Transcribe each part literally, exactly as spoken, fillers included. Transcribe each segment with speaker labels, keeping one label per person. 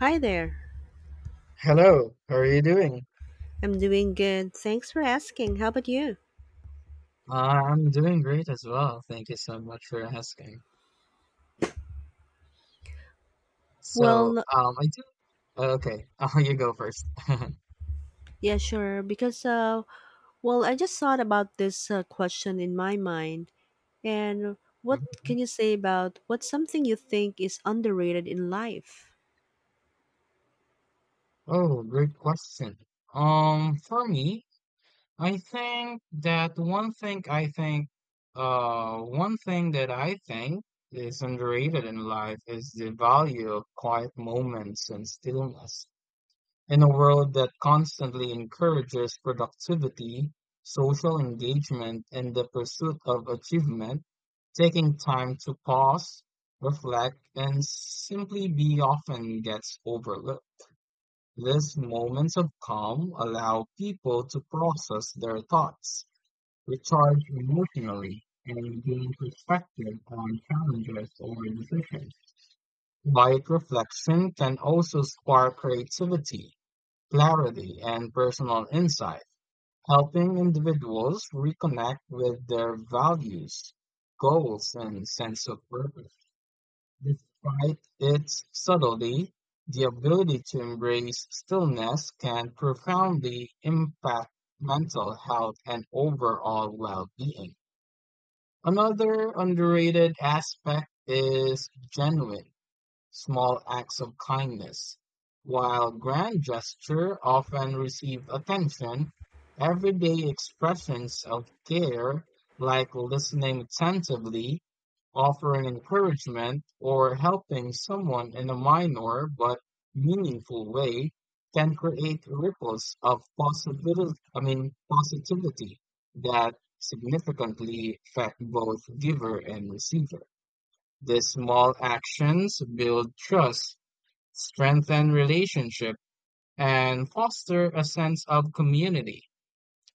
Speaker 1: Hi there.
Speaker 2: Hello, how are you doing?
Speaker 1: I'm doing good. Thanks for asking. How about you?
Speaker 2: Uh, I'm doing great as well. Thank you so much for asking. So,
Speaker 1: Well,
Speaker 2: um, I do. Okay, uh, you go first.
Speaker 1: yeah, sure. Because, uh, well, I just thought about this uh, question in my mind. And what
Speaker 2: Mhm.
Speaker 1: can you say about what's something you think is underrated in life?
Speaker 2: Oh, great question. Um, for me, I think that one thing I think, uh, one thing that I think is underrated in life is the value of quiet moments and stillness. In a world that constantly encourages productivity, social engagement, and the pursuit of achievement, taking time to pause, reflect, and simply be often gets overlooked. These moments of calm allow people to process their thoughts, recharge emotionally, and gain perspective on challenges or decisions. Quiet reflection can also spark creativity, clarity, and personal insight, helping individuals reconnect with their values, goals, and sense of purpose. Despite its subtlety, the ability to embrace stillness can profoundly impact mental health and overall well being. Another underrated aspect is genuine. Small acts of kindness, while grand gestures often receive attention, everyday expressions of care, like listening attentively, offering encouragement, or helping someone in a minor but meaningful way, can create ripples of possibility, I mean, positivity that significantly affect both giver and receiver. These small actions build trust, strengthen relationships, and foster a sense of community.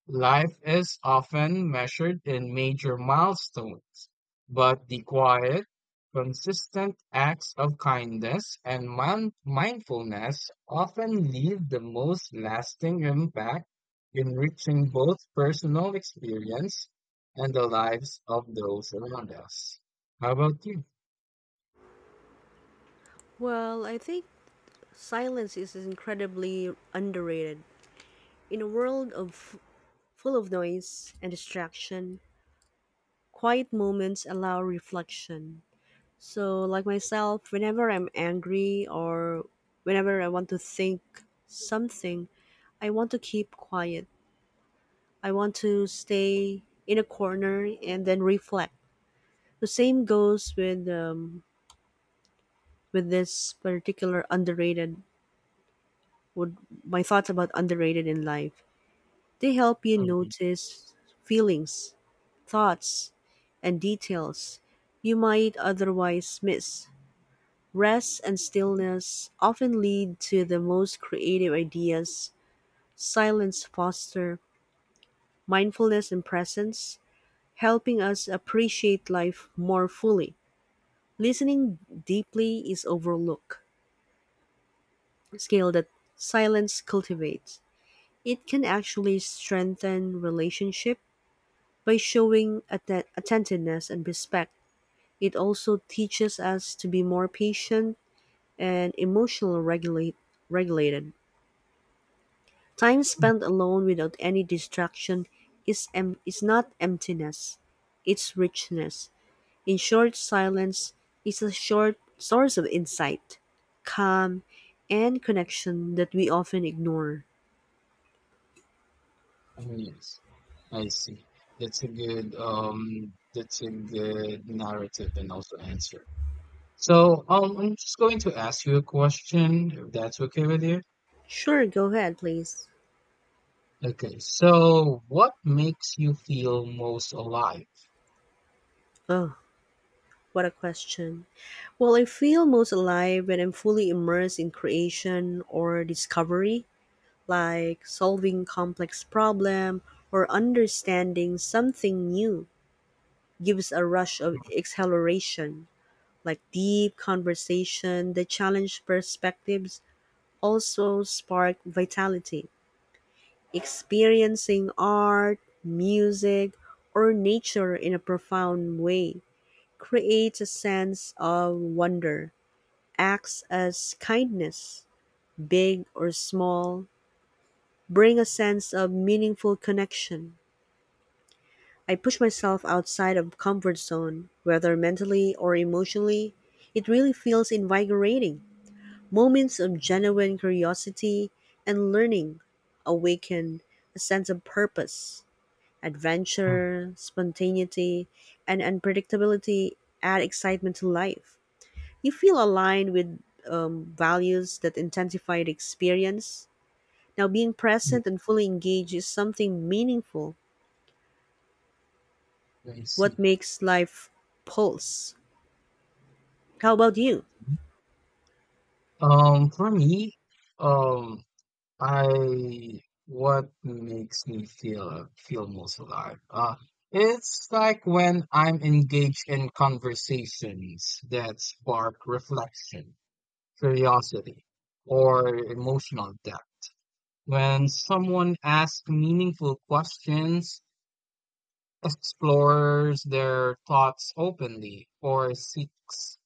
Speaker 2: Life is often measured in major milestones, but the quiet, consistent acts of kindness and mind- mindfulness often leave the most lasting impact, enriching both personal experience and the lives of those around us. How about you?
Speaker 1: Well, I think silence is incredibly underrated. In a world of full of noise and distraction, quiet moments allow reflection. So, like myself, whenever I'm angry or whenever I want to think something, I want to keep quiet. I want to stay in a corner and then reflect. The same goes with um, with this particular underrated. Would my thoughts about underrated in life? They help you notice feelings, thoughts, and details you might otherwise miss. Rest and stillness often lead to the most creative ideas. Silence foster mindfulness and presence, helping us appreciate life more fully. Listening deeply is overlooked. Skill that silence cultivates. It can actually strengthen relationship by showing atten- attentiveness and respect. It also teaches us to be more patient and emotional regulate- regulated. Time spent alone without any distraction is, em- is not emptiness, it's richness. In short, silence is a short source of insight, calm, and connection that we often ignore.
Speaker 2: Mm, yes, I see. That's a good um that's a good narrative and also answer. So um I'm just going to ask you a question if that's okay with you.
Speaker 1: Sure, go ahead, please.
Speaker 2: Okay, so what makes you feel most alive?
Speaker 1: Oh, what a question. Well, I feel most alive when I'm fully immersed in creation or discovery, like solving complex problem or understanding something new. Gives a rush of exhilaration, like deep conversation. The challenge perspectives also spark vitality. Experiencing art, music, or nature in a profound way creates a sense of wonder, acts as kindness, big or small, bring a sense of meaningful connection. I push myself outside of comfort zone, whether mentally or emotionally. It really feels invigorating. Moments of genuine curiosity and learning awaken a sense of purpose.
Speaker 2: Mm.
Speaker 1: Adventure, spontaneity, and unpredictability add excitement to life. You feel aligned with um, values that intensify the experience. Now, being
Speaker 2: Mm,
Speaker 1: present and fully engaged is something meaningful.
Speaker 2: I
Speaker 1: What
Speaker 2: see.
Speaker 1: makes life pulse? How about you?
Speaker 2: Um, for me, um, I what makes me feel feel most alive? Uh, it's like when I'm engaged in conversations that spark reflection, curiosity, or emotional depth. When someone asks meaningful questions, explores their thoughts openly, or seeks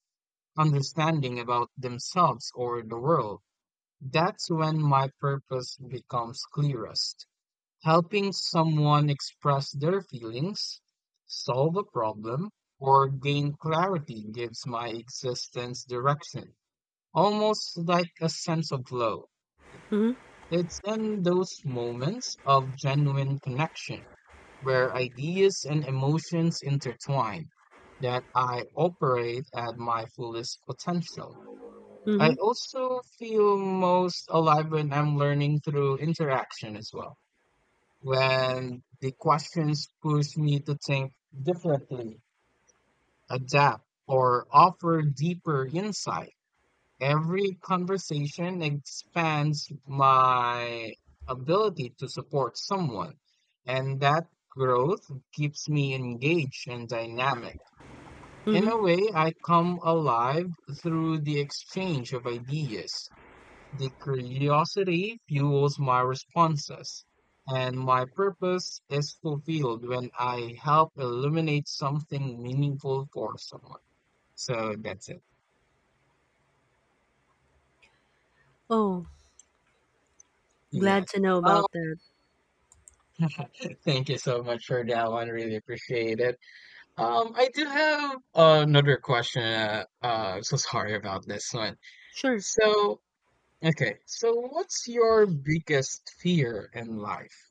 Speaker 2: understanding about themselves or the world, that's when my purpose becomes clearest. Helping someone express their feelings, solve a problem, or gain clarity gives my existence direction, almost like a sense of flow.
Speaker 1: Mm-hmm.
Speaker 2: It's in those moments of genuine connection where ideas and emotions intertwine that I operate at my fullest potential. I
Speaker 1: Mm-hmm.
Speaker 2: also feel most alive when I'm learning through interaction as well when the questions push me to think differently, adapt, or offer deeper insight. Every conversation expands my ability to support someone, and that growth keeps me engaged and dynamic. In
Speaker 1: Mm-hmm.
Speaker 2: a way, I come alive through the exchange of ideas. The curiosity fuels my responses, and my purpose is fulfilled when I help illuminate something meaningful for someone. So that's it.
Speaker 1: Oh, glad
Speaker 2: Yes.
Speaker 1: to know
Speaker 2: Um,
Speaker 1: about that.
Speaker 2: thank you so much for that one. Really appreciate it. Um, I do have another question. Uh, uh, so sorry about this one.
Speaker 1: Sure.
Speaker 2: So, okay. So, what's your biggest fear in life?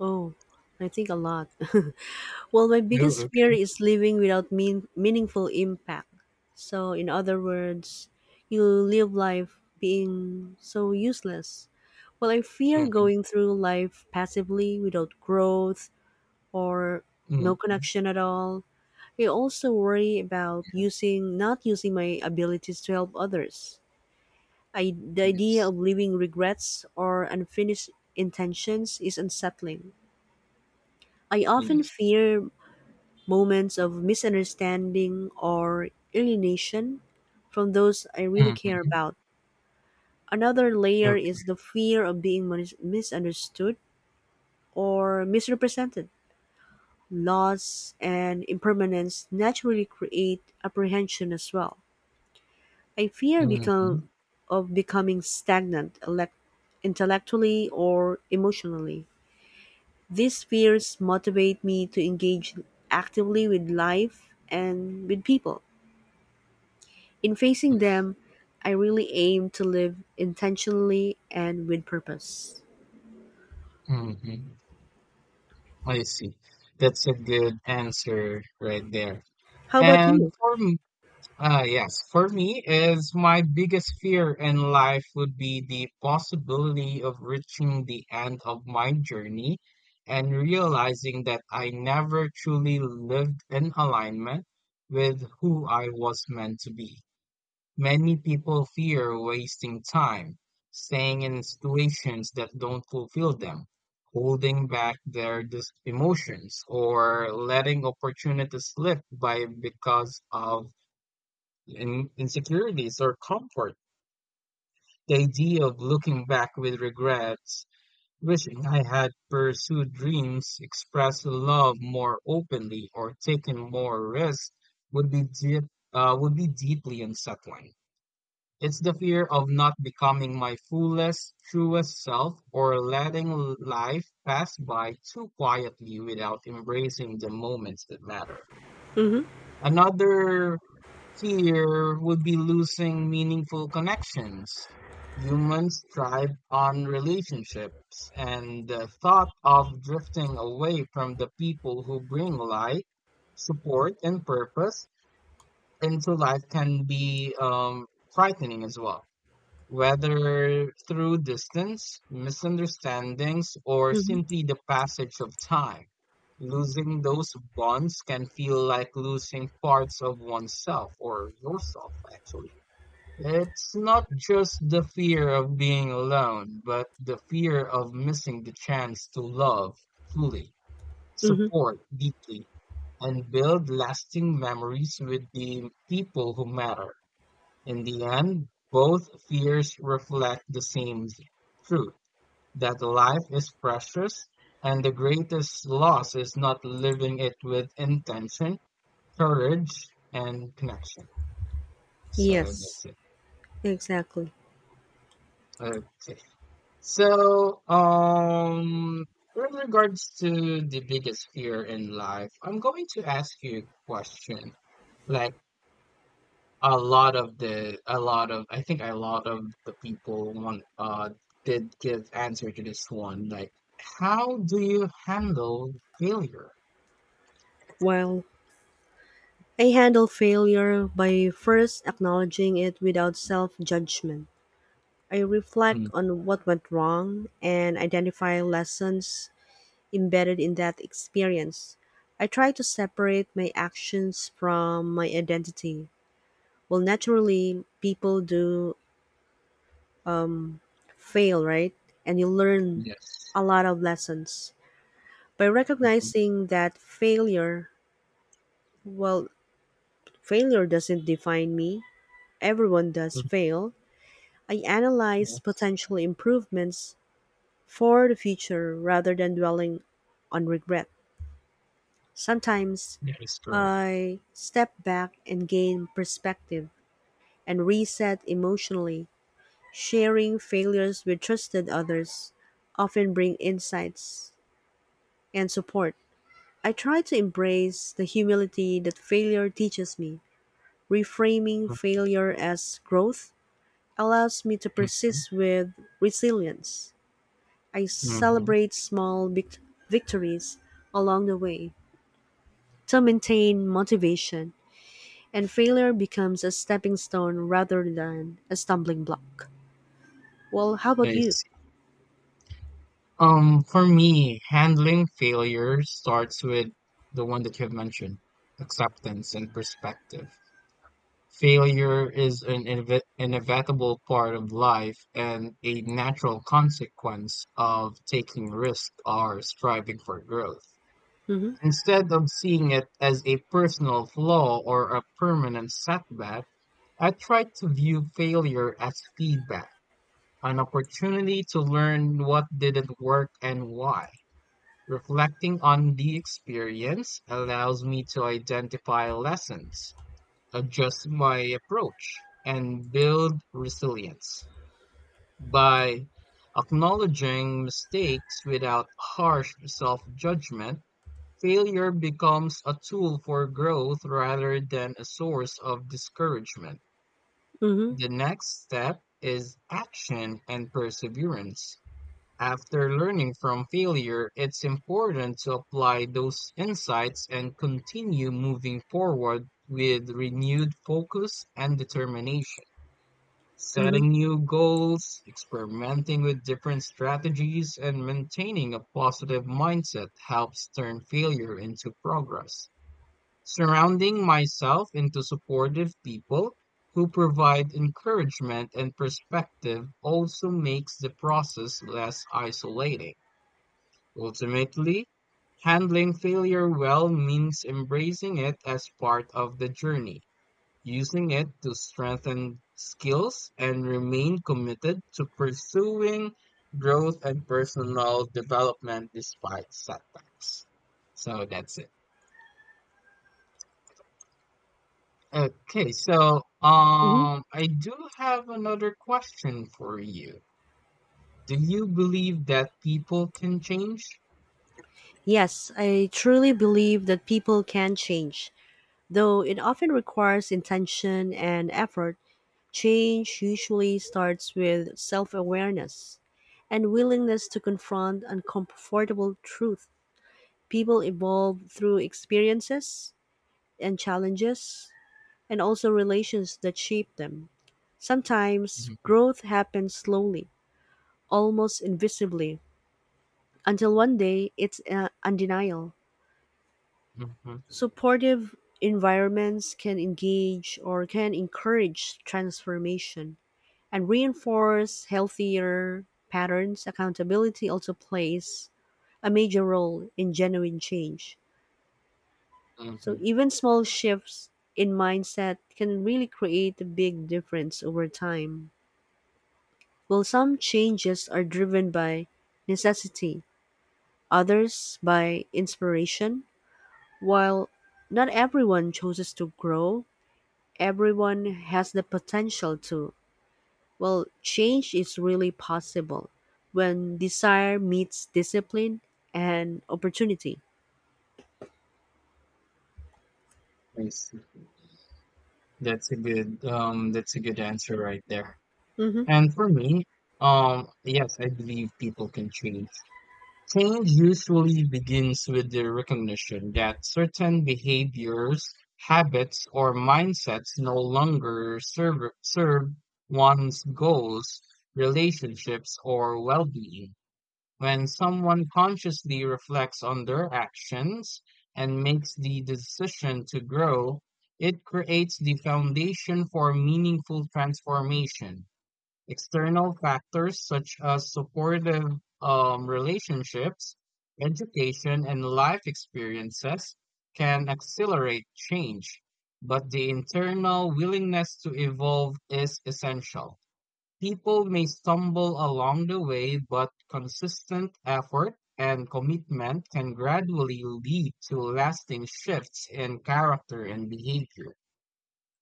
Speaker 1: Oh, I think a lot. Well, my
Speaker 2: Oh,
Speaker 1: biggest fear is living without mean- meaningful impact. So, in other words, you live life being so useless. Well, I fear
Speaker 2: okay.
Speaker 1: going through life passively without growth or
Speaker 2: Hmm,
Speaker 1: no
Speaker 2: hmm.
Speaker 1: connection at all. I also worry about using not using my abilities to help others. I, the idea
Speaker 2: Yes.
Speaker 1: of leaving regrets or unfinished intentions is unsettling. I often
Speaker 2: Yes.
Speaker 1: fear moments of misunderstanding or alienation from those I really care
Speaker 2: Mhm.
Speaker 1: about. Another layer
Speaker 2: Ok.
Speaker 1: is the fear of being mis- misunderstood or misrepresented. Loss and impermanence naturally create apprehension as well. I fear
Speaker 2: Mhm.
Speaker 1: become of becoming stagnant elect- intellectually or emotionally. These fears motivate me to engage actively with life and with people. In facing
Speaker 2: Nice.
Speaker 1: them, I really aim to live intentionally and with purpose.
Speaker 2: Mhm. I see. That's a good answer right there.
Speaker 1: How about you?
Speaker 2: And for me, uh, yes, for me is my biggest fear in life would be the possibility of reaching the end of my journey and realizing that I never truly lived in alignment with who I was meant to be. Many people fear wasting time, staying in situations that don't fulfill them, holding back their dis- emotions, or letting opportunities slip by because of in- insecurities or comfort. The idea of looking back with regrets, wishing I had pursued dreams, expressed love more openly, or taken more risks would be deep, uh, would be deeply unsettling. It's the fear of not becoming my fullest, truest self or letting l- life pass by too quietly without embracing the moments that matter.
Speaker 1: Mm-hmm.
Speaker 2: Another fear would be losing meaningful connections. Humans thrive on relationships, and the thought of drifting away from the people who bring light, support, and purpose into life can be um, frightening as well, whether through distance, misunderstandings, or
Speaker 1: Mm-hmm.
Speaker 2: simply the passage of time. Losing those bonds can feel like losing parts of oneself or yourself, actually. It's not just the fear of being alone, but the fear of missing the chance to love fully,
Speaker 1: Mm-hmm.
Speaker 2: support deeply, and build lasting memories with the people who matter. In the end, both fears reflect the same truth that life is precious and the greatest loss is not living it with intention, courage, and connection. So that's
Speaker 1: Yes,
Speaker 2: it.
Speaker 1: exactly.
Speaker 2: Okay. So, um, with regards to the biggest fear in life, I'm going to ask you a question. Like, A lot of the, a lot of, I think a lot of the people want, uh, did give answer to this one. Like, how do you handle failure?
Speaker 1: While I handle failure by first acknowledging it without self judgment. I reflect
Speaker 2: Mm,
Speaker 1: on what went wrong and identify lessons embedded in that experience. I try to separate my actions from my identity. Well, naturally, people do fail, right? And you learn
Speaker 2: yes.
Speaker 1: a lot of lessons. By
Speaker 2: Mhm.
Speaker 1: recognizing that failure, well, failure doesn't define me, everyone does
Speaker 2: Mm,
Speaker 1: fail, I analyze
Speaker 2: yes.
Speaker 1: potential improvements for the future rather than dwelling on regret. Sometimes
Speaker 2: That is correct.
Speaker 1: I step back and gain perspective and reset emotionally. Sharing failures with trusted others often bring insights and support. I try to embrace the humility that failure teaches me. Reframing failure as growth allows me to
Speaker 2: Mhm.
Speaker 1: persist with resilience. I
Speaker 2: Mhm.
Speaker 1: celebrate small vict- victories along the way to maintain motivation. And failure becomes a stepping stone rather than a stumbling block. Well, how about
Speaker 2: I
Speaker 1: you?
Speaker 2: see. Um, for me, handling failure starts with the one that you've mentioned, acceptance and perspective. Failure is an ineve- inevitable part of life and a natural consequence of taking risk or striving for growth.
Speaker 1: Hmm.
Speaker 2: Instead of seeing it as a personal flaw or a permanent setback, I try to view failure as feedback, an opportunity to learn what didn't work and why. Reflecting on the experience allows me to identify lessons, adjust my approach, and build resilience. By acknowledging mistakes without harsh self-judgment, failure becomes a tool for growth rather than a source of discouragement.
Speaker 1: Hmm.
Speaker 2: The next step is action and perseverance. After learning from failure, it's important to apply those insights and continue moving forward with renewed focus and determination.
Speaker 1: Hmm.
Speaker 2: Setting new goals, experimenting with different strategies, and maintaining a positive mindset helps turn failure into progress. Surrounding myself into supportive people who provide encouragement and perspective also makes the process less isolating. Ultimately, handling failure well means embracing it as part of the journey, using it to strengthen skills, and remain committed to pursuing growth and personal development despite setbacks. So that's it. Okay, so
Speaker 1: Hmm.
Speaker 2: um, I do have another question for you. Do you believe that people can change?
Speaker 1: Yes, I truly believe that people can change. Though it often requires intention and effort, change usually starts with self awareness and willingness to confront uncomfortable truth. People evolve through experiences and challenges, and also relations that shape them. Sometimes
Speaker 2: Mhm.
Speaker 1: growth happens slowly, almost invisibly, until one day it's uh, undeniable.
Speaker 2: Mhm.
Speaker 1: Supportive environments can engage or can encourage transformation and reinforce healthier patterns. Accountability also plays a major role in genuine change. So
Speaker 2: Mhm.
Speaker 1: even small shifts in mindset can really create a big difference over time. While some changes are driven by necessity, others by inspiration, while not everyone chooses to grow, everyone has the potential to. Well, change is really possible when desire meets discipline and opportunity.
Speaker 2: I see. That's a good um that's a good answer right there.
Speaker 1: Mm-hmm.
Speaker 2: And for me, um yes, I believe people can change. Change usually begins with the recognition that certain behaviors, habits, or mindsets no longer serve serve one's goals, relationships, or well-being. When someone consciously reflects on their actions and makes the decision to grow, it creates the foundation for meaningful transformation. External factors such as supportive um, relationships, education, and life experiences can accelerate change, but the internal willingness to evolve is essential. People may stumble along the way, but consistent effort and commitment can gradually lead to lasting shifts in character and behavior.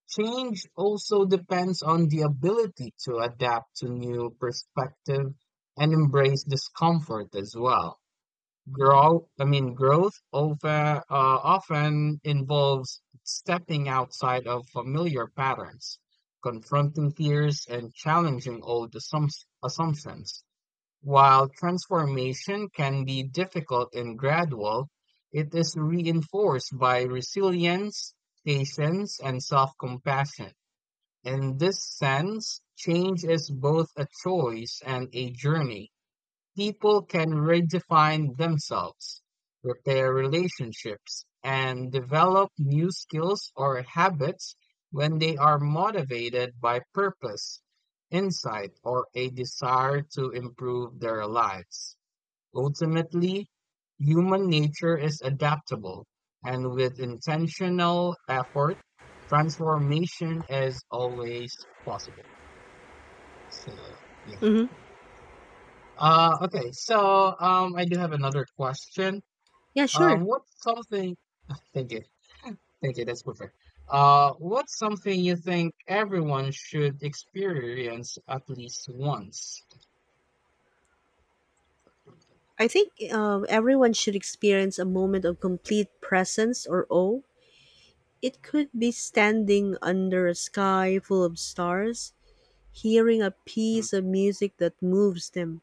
Speaker 2: Change also depends on the ability to adapt to new perspective and embrace discomfort as well. Grow, I mean, growth over, uh, often involves stepping outside of familiar patterns, confronting fears, and challenging old assumps- assumptions. While transformation can be difficult and gradual, it is reinforced by resilience, patience, and self compassion. In this sense, change is both a choice and a journey. People can redefine themselves, repair relationships, and develop new skills or habits when they are motivated by purpose, insight, or a desire to improve their lives. Ultimately, human nature is adaptable, and with intentional effort, transformation is always possible. So, yeah.
Speaker 1: Mm-hmm.
Speaker 2: Uh, okay, so um, I do have another question.
Speaker 1: Yeah,
Speaker 2: Um,
Speaker 1: sure.
Speaker 2: what's something? Thank you, thank you. That's perfect. Uh, what's something you think everyone should experience at least once?
Speaker 1: I think um, everyone should experience a moment of complete presence or awe. It could be standing under a sky full of stars, hearing a
Speaker 2: Mm.
Speaker 1: piece of music that moves them,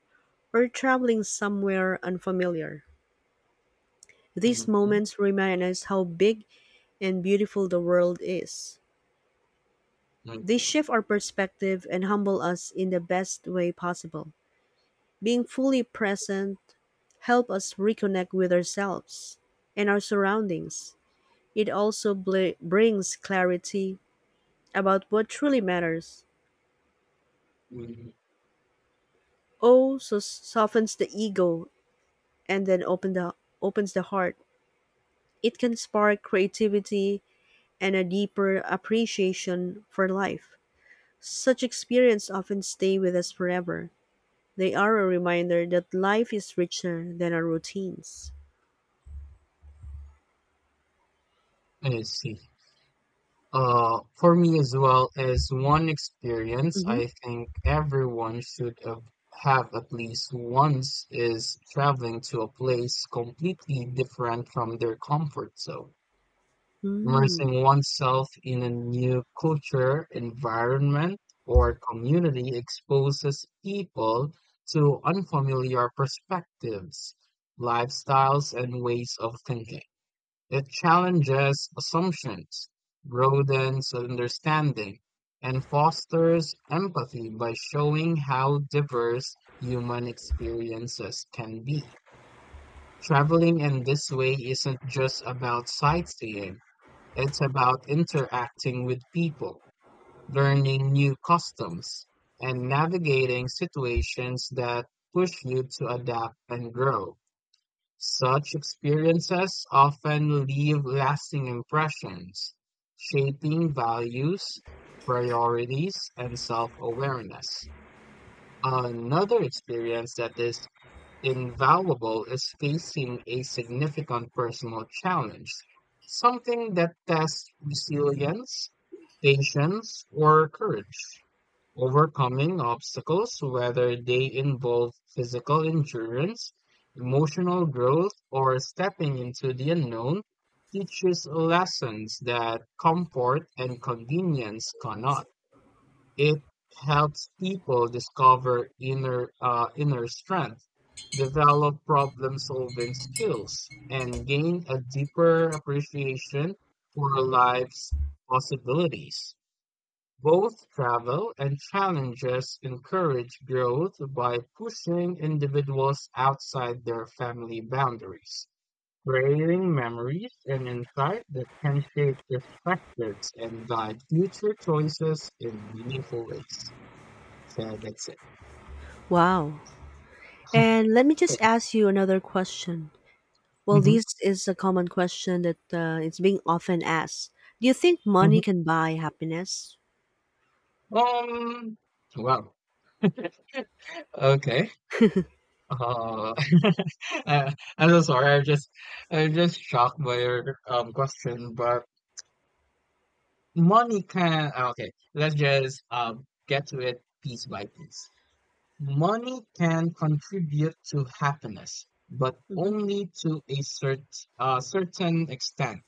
Speaker 1: or traveling somewhere unfamiliar. These
Speaker 2: Mm-hmm.
Speaker 1: moments remind us how big and beautiful the world is. They
Speaker 2: Okay.
Speaker 1: shift our perspective and humble us in the best way possible. Being fully present help us reconnect with ourselves and our surroundings. It also bl- brings clarity about what truly matters.
Speaker 2: Mhm.
Speaker 1: Oh, so softens the ego and then open the opens the heart. It can spark creativity and a deeper appreciation for life. Such experiences often stay with us forever. They are a reminder that life is richer than our routines.
Speaker 2: I see. Uh, for me as well, as one experience,
Speaker 1: Mm-hmm.
Speaker 2: I think everyone should have, have at least once is traveling to a place completely different from their comfort zone.
Speaker 1: Mm.
Speaker 2: Immersing oneself in a new culture, environment, or community exposes people to unfamiliar perspectives, lifestyles, and ways of thinking. It challenges assumptions, broadens understanding, and fosters empathy by showing how diverse human experiences can be. Traveling in this way isn't just about sightseeing, it's about interacting with people, learning new customs, and navigating situations that push you to adapt and grow. Such experiences often leave lasting impressions, shaping values, priorities, and self awareness. Another experience that is invaluable is facing a significant personal challenge, something that tests resilience, patience, or courage. Overcoming obstacles, whether they involve physical endurance, emotional growth, or stepping into the unknown, teaches lessons that comfort and convenience cannot. It helps people discover inner uh, inner strength, develop problem-solving skills, and gain a deeper appreciation for life's possibilities. Both travel and challenges encourage growth by pushing individuals outside their family boundaries, creating memories and insight that can shape perspectives and guide future choices in meaningful ways. So that's it.
Speaker 1: Wow. And let me just ask you another question. Well,
Speaker 2: Mhm.
Speaker 1: this is a common question that uh, it's being often asked. Do you think
Speaker 2: Mhm.
Speaker 1: money can buy happiness?
Speaker 2: Um, wow. Okay. Uh, uh, I'm so sorry. I'm just, I'm just shocked by your um question. But money can. Uh, Okay, let's just um get to it piece by piece. Money can contribute to happiness, but
Speaker 1: Mm-hmm.
Speaker 2: only to a cert, uh, certain extent.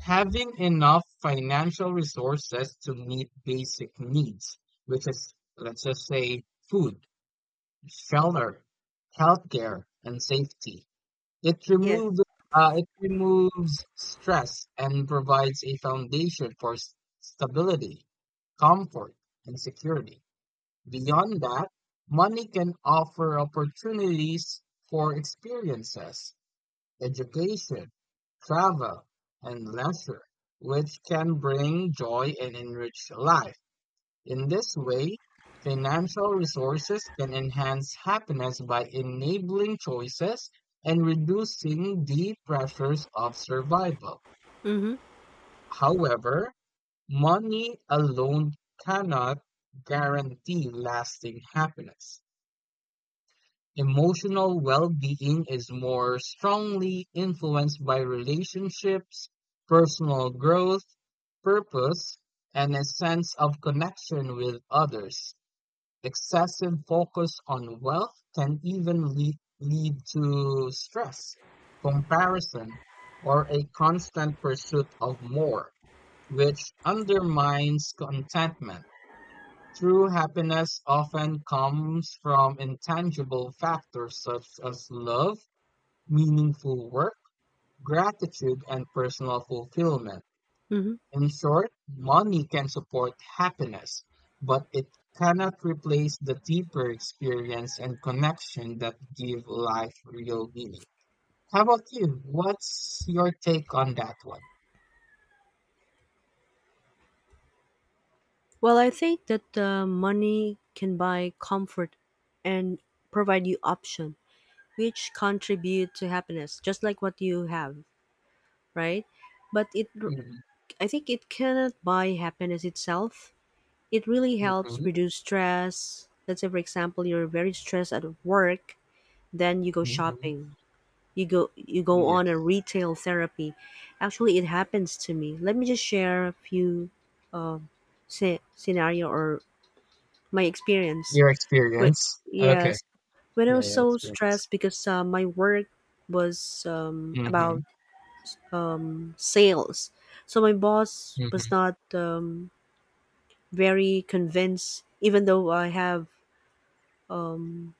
Speaker 2: Having enough financial resources to meet basic needs, which is, let's just say, food, shelter, healthcare, and safety. It
Speaker 1: Yes.
Speaker 2: removes uh, it removes stress and provides a foundation for s- stability, comfort, and security. Beyond that, money can offer opportunities for experiences education, travel, and leisure, which can bring joy and enrich life. In this way, financial resources can enhance happiness by enabling choices and reducing the pressures of survival.
Speaker 1: Mm-hmm.
Speaker 2: However, money alone cannot guarantee lasting happiness. Emotional well-being is more strongly influenced by relationships, personal growth, purpose, and a sense of connection with others. Excessive focus on wealth can even lead, lead to stress, comparison, or a constant pursuit of more, which undermines contentment. True happiness often comes from intangible factors such as love, meaningful work, gratitude, and personal fulfillment.
Speaker 1: Mm-hmm.
Speaker 2: In short, money can support happiness, but it cannot replace the deeper experience and connection that give life real meaning. How about you? What's your take on that one?
Speaker 1: Well, I think that the money can buy comfort and provide you option, which contribute to happiness, just like what you have, right? But it,
Speaker 2: Mhm,
Speaker 1: I think it cannot buy happiness itself. It really helps
Speaker 2: mhm,
Speaker 1: reduce stress. Let's say, for example, you're very stressed at work, then you go
Speaker 2: mhm.
Speaker 1: shopping. You go, you go on a
Speaker 2: Yes.
Speaker 1: retail therapy. Actually, it happens to me. Let me just share a few se- scenario or my experience.
Speaker 2: Your
Speaker 1: But
Speaker 2: experience. Okay.
Speaker 1: yes, when I
Speaker 2: Yeah,
Speaker 1: was
Speaker 2: your
Speaker 1: so
Speaker 2: experience.
Speaker 1: stressed because uh, my work was um, about
Speaker 2: Hmm.
Speaker 1: um, sales, so my boss was
Speaker 2: Mhm.
Speaker 1: not um, very convinced. Even though I have um,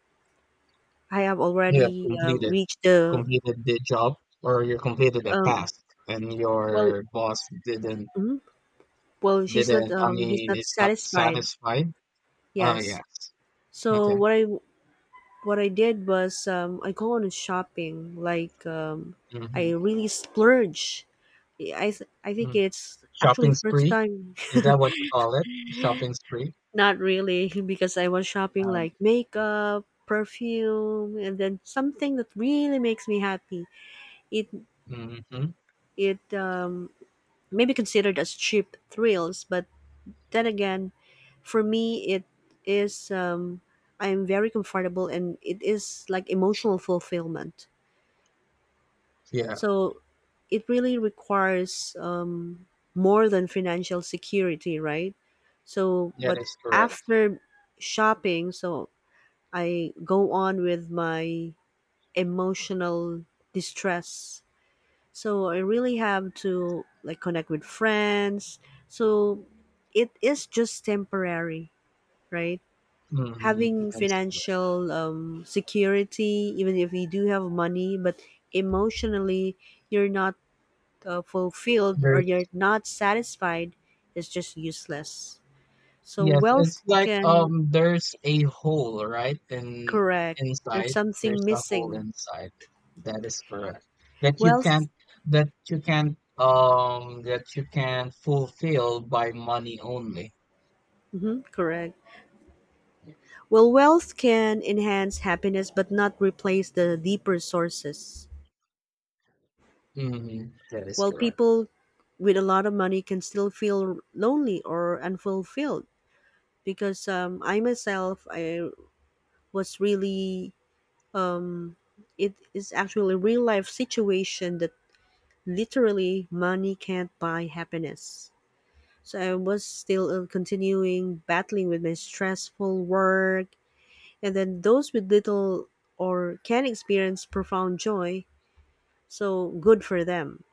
Speaker 1: I have
Speaker 2: You have
Speaker 1: already uh,
Speaker 2: completed
Speaker 1: reached the
Speaker 2: completed the job or you completed the
Speaker 1: um,
Speaker 2: task and
Speaker 1: well,
Speaker 2: your boss didn't
Speaker 1: mhm, well, she's not
Speaker 2: didn't I
Speaker 1: um, he's
Speaker 2: mean
Speaker 1: not
Speaker 2: it's not
Speaker 1: satisfied.
Speaker 2: satisfied. Oh
Speaker 1: Yes.
Speaker 2: yes.
Speaker 1: So
Speaker 2: Okay.
Speaker 1: what I, what I did was um, I go on shopping like um, I
Speaker 2: Hmm.
Speaker 1: really splurge. I th- I think
Speaker 2: Mm.
Speaker 1: it's actually
Speaker 2: Shopping
Speaker 1: first
Speaker 2: spree?
Speaker 1: time.
Speaker 2: Is that what you call it? Shopping spree?
Speaker 1: Not really because I was shopping
Speaker 2: Um,
Speaker 1: like makeup, perfume, and then something that really makes me happy. It
Speaker 2: hmm.
Speaker 1: it um, may be considered as cheap thrills, but then again, for me it is um, I am very comfortable and it is like emotional fulfillment.
Speaker 2: Yeah,
Speaker 1: So it really requires um, more than financial security, right? So,
Speaker 2: that
Speaker 1: but
Speaker 2: is correct.
Speaker 1: after shopping, so I go on with my emotional distress. So I really have to like connect with friends. So it is just temporary, right?
Speaker 2: Hmm.
Speaker 1: Having
Speaker 2: That is correct.
Speaker 1: financial um, security, even if you do have money, but emotionally, you're not uh, fulfilled or you're
Speaker 2: There's
Speaker 1: not satisfied, it's just useless, so
Speaker 2: Yes,
Speaker 1: wealth
Speaker 2: it's like
Speaker 1: can,
Speaker 2: um there's a hole, right? In
Speaker 1: correct, there's
Speaker 2: inside,
Speaker 1: something
Speaker 2: there's a hole
Speaker 1: missing,
Speaker 2: inside. That is correct. That you
Speaker 1: wealth,
Speaker 2: can't that you can't um that you can fulfill by money only.
Speaker 1: mhm, correct. Well wealth can enhance happiness but not replace the deeper sources
Speaker 2: Hmm. That is
Speaker 1: while
Speaker 2: correct.
Speaker 1: people with a lot of money can still feel lonely or unfulfilled because um, I myself I was really, it is actually a real life situation that literally money can't buy happiness. So I was still uh, continuing battling with my stressful work, and then those with little or can experience profound joy. So good for them.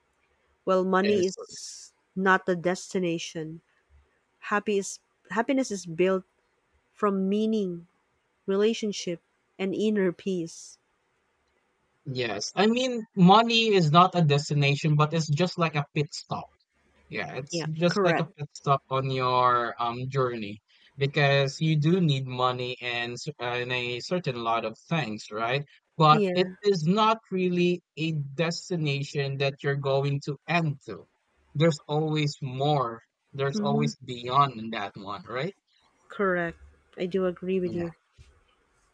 Speaker 1: Well,
Speaker 2: That
Speaker 1: money
Speaker 2: is correct.
Speaker 1: is not the destination. Happy is, happiness is built from meaning, relationship, and inner peace.
Speaker 2: Yes. I mean, money is not a destination, but it's just like a pit stop. Yeah, it's
Speaker 1: Yeah,
Speaker 2: just like a
Speaker 1: correct.
Speaker 2: pit stop on your um journey because you do need money and s- and a certain lot of things, right? But it
Speaker 1: Yeah,
Speaker 2: is not really a destination that you're going to end to. There's always more. There's
Speaker 1: hmm,
Speaker 2: always beyond that one, right?
Speaker 1: correct. I do agree with you.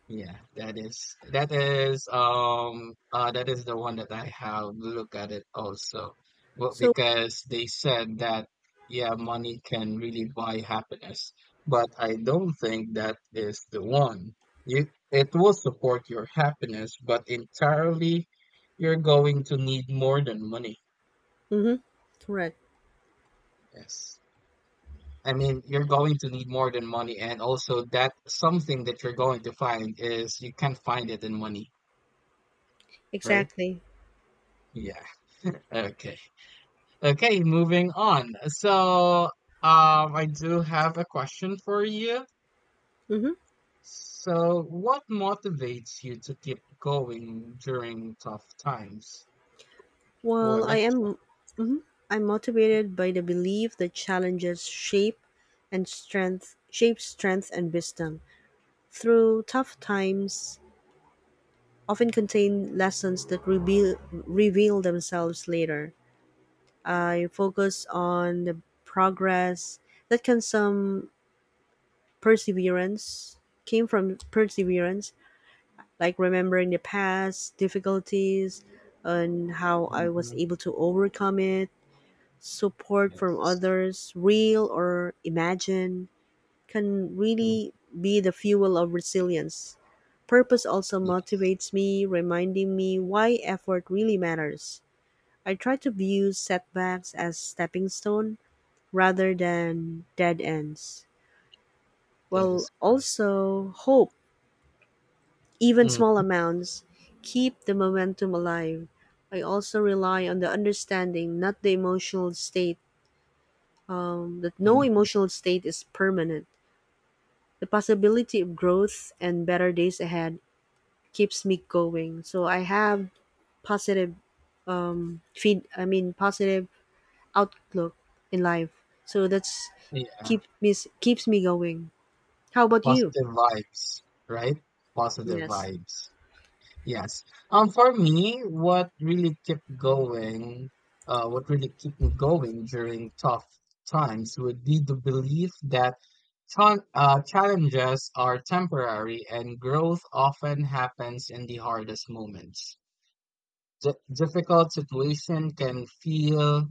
Speaker 2: Yeah, that is that is um uh that is the one that I have looked at it also. Well,
Speaker 1: So,
Speaker 2: because they said that yeah, money can really buy happiness, but I don't think that is the one. You it will support your happiness, but entirely you're going to need more than money.
Speaker 1: hmm, correct.
Speaker 2: Yes. I mean, you're going to need more than money, and also that something that you're going to find is you can't find it in money, right?
Speaker 1: Exactly.
Speaker 2: Yeah. Okay. Okay, moving on. So, um, I do have a question for you.
Speaker 1: Hmm.
Speaker 2: So, what motivates you to keep going during tough times? Oh, I
Speaker 1: Well, I
Speaker 2: like this
Speaker 1: am. Mhm. I'm motivated by the belief that challenges shape and strength shape strength and wisdom. Through tough times, often contain lessons that reveal reveal themselves later. I focus on the progress that can some perseverance came from perseverance, like remembering the past difficulties and how I
Speaker 2: one.
Speaker 1: was
Speaker 2: Hmm.
Speaker 1: able to overcome it, support from
Speaker 2: Yes.
Speaker 1: others, real or imagined, can
Speaker 2: Mm.
Speaker 1: really be the fuel of resilience. Purpose also
Speaker 2: Yes,
Speaker 1: motivates me, reminding me why effort really matters. I try to view setbacks as stepping stone rather than dead ends.
Speaker 2: that is
Speaker 1: Well,
Speaker 2: correct.
Speaker 1: also hope, even small
Speaker 2: Hmm.
Speaker 1: amounts, keep the momentum alive. I also rely on the understanding, not the emotional state um, that no
Speaker 2: Hmm.
Speaker 1: emotional state is permanent. The possibility of growth and better days ahead keeps me going. So I have positive um, feed. I mean positive outlook in life. So that's
Speaker 2: Yeah,
Speaker 1: keep me keeps me going. How about you?
Speaker 2: positive vibes, right? Positive
Speaker 1: Yes.
Speaker 2: vibes. Yes. Um, for me, what really kept going, uh, what really kept me going during tough times would be the belief that chal- uh, challenges are temporary and growth often happens in the hardest moments. D- difficult situation can feel,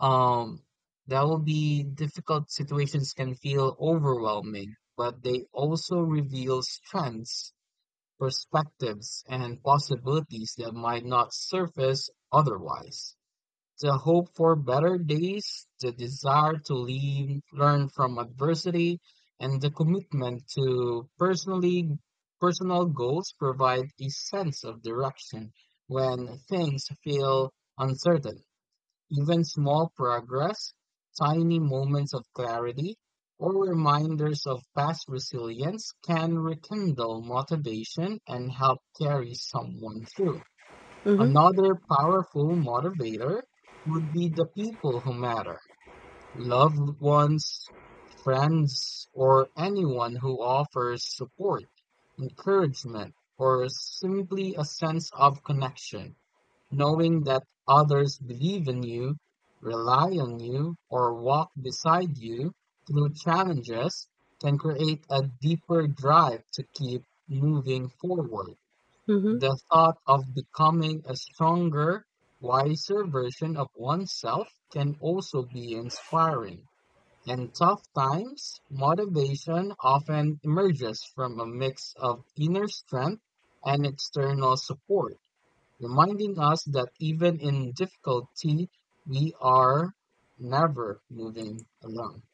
Speaker 2: um, that will be difficult situations can feel overwhelming, but they also reveal strengths perspectives and possibilities that might not surface otherwise. The hope for better days, the desire to lean, learn from adversity, and the commitment to personally personal goals provide a sense of direction when things feel uncertain. Even small progress, tiny moments of clarity, or reminders of past resilience can rekindle motivation and help carry someone through.
Speaker 1: Mm-hmm.
Speaker 2: Another powerful motivator would be the people who matter, loved ones, friends, or anyone who offers support, encouragement, or simply a sense of connection. Knowing that others believe in you, rely on you, or walk beside you through challenges can create a deeper drive to keep moving forward.
Speaker 1: Mm-hmm.
Speaker 2: The thought of becoming a stronger, wiser version of oneself can also be inspiring. In tough times, motivation often emerges from a mix of inner strength and external support reminding us that even in difficulty, we are never moving alone.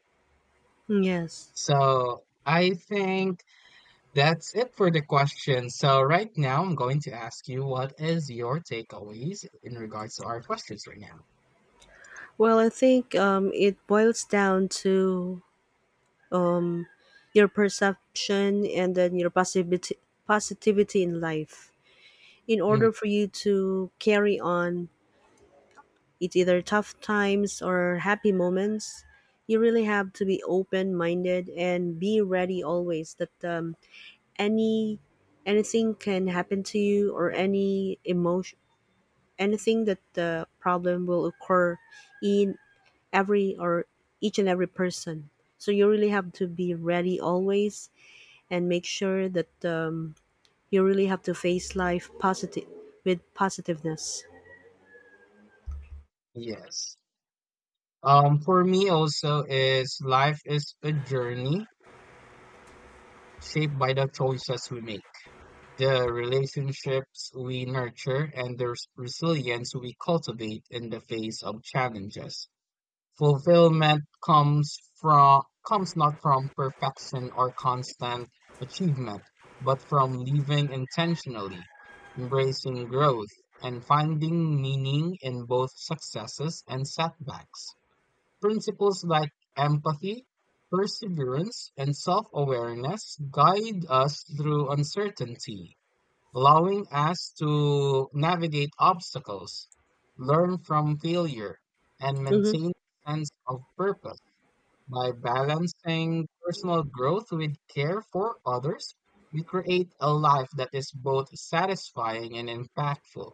Speaker 1: Yes.
Speaker 2: So I think that's it for the question. So right now, I'm going to ask you what is your takeaways in regards to our questions right now.
Speaker 1: Well, I think um, it boils down to your perception and then your positivity, positivity in life, in
Speaker 2: Mm,
Speaker 1: order for you to carry on, it's either tough times or happy moments. You really have to be open minded and be ready always that um, any, anything can happen to you or any emotion, anything that the problem will occur in every or each and every person, so you really have to be ready always and make sure that um, you really have to face life positive with positiveness.
Speaker 2: yes. Um, for me also is life is a journey shaped by the choices we make. The relationships we nurture and the res- resilience we cultivate in the face of challenges. Fulfillment comes from comes not from perfection or constant achievement, but from living intentionally, embracing growth, and finding meaning in both successes and setbacks. Principles like empathy, perseverance, and self-awareness guide us through uncertainty allowing us to navigate obstacles, learn from failure, and
Speaker 1: Hmm.
Speaker 2: maintain a sense of purpose. By balancing personal growth with care for others, we create a life that is both satisfying and impactful.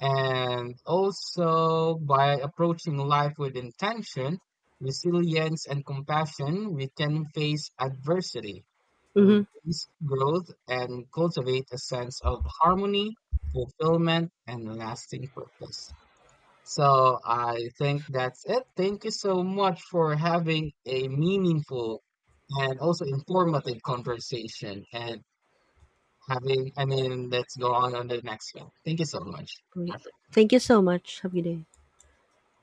Speaker 2: And also, by approaching life with intention, resilience, and compassion, we can face adversity,
Speaker 1: Mhm.
Speaker 2: embrace growth, and cultivate a sense of harmony, fulfillment, and lasting purpose. So, I think that's it. Thank you so much for having a meaningful and also informative conversation and having, I mean, let's go on on the next one. Thank you so much.
Speaker 1: Oh, yeah. Thank you so much. Have a good day.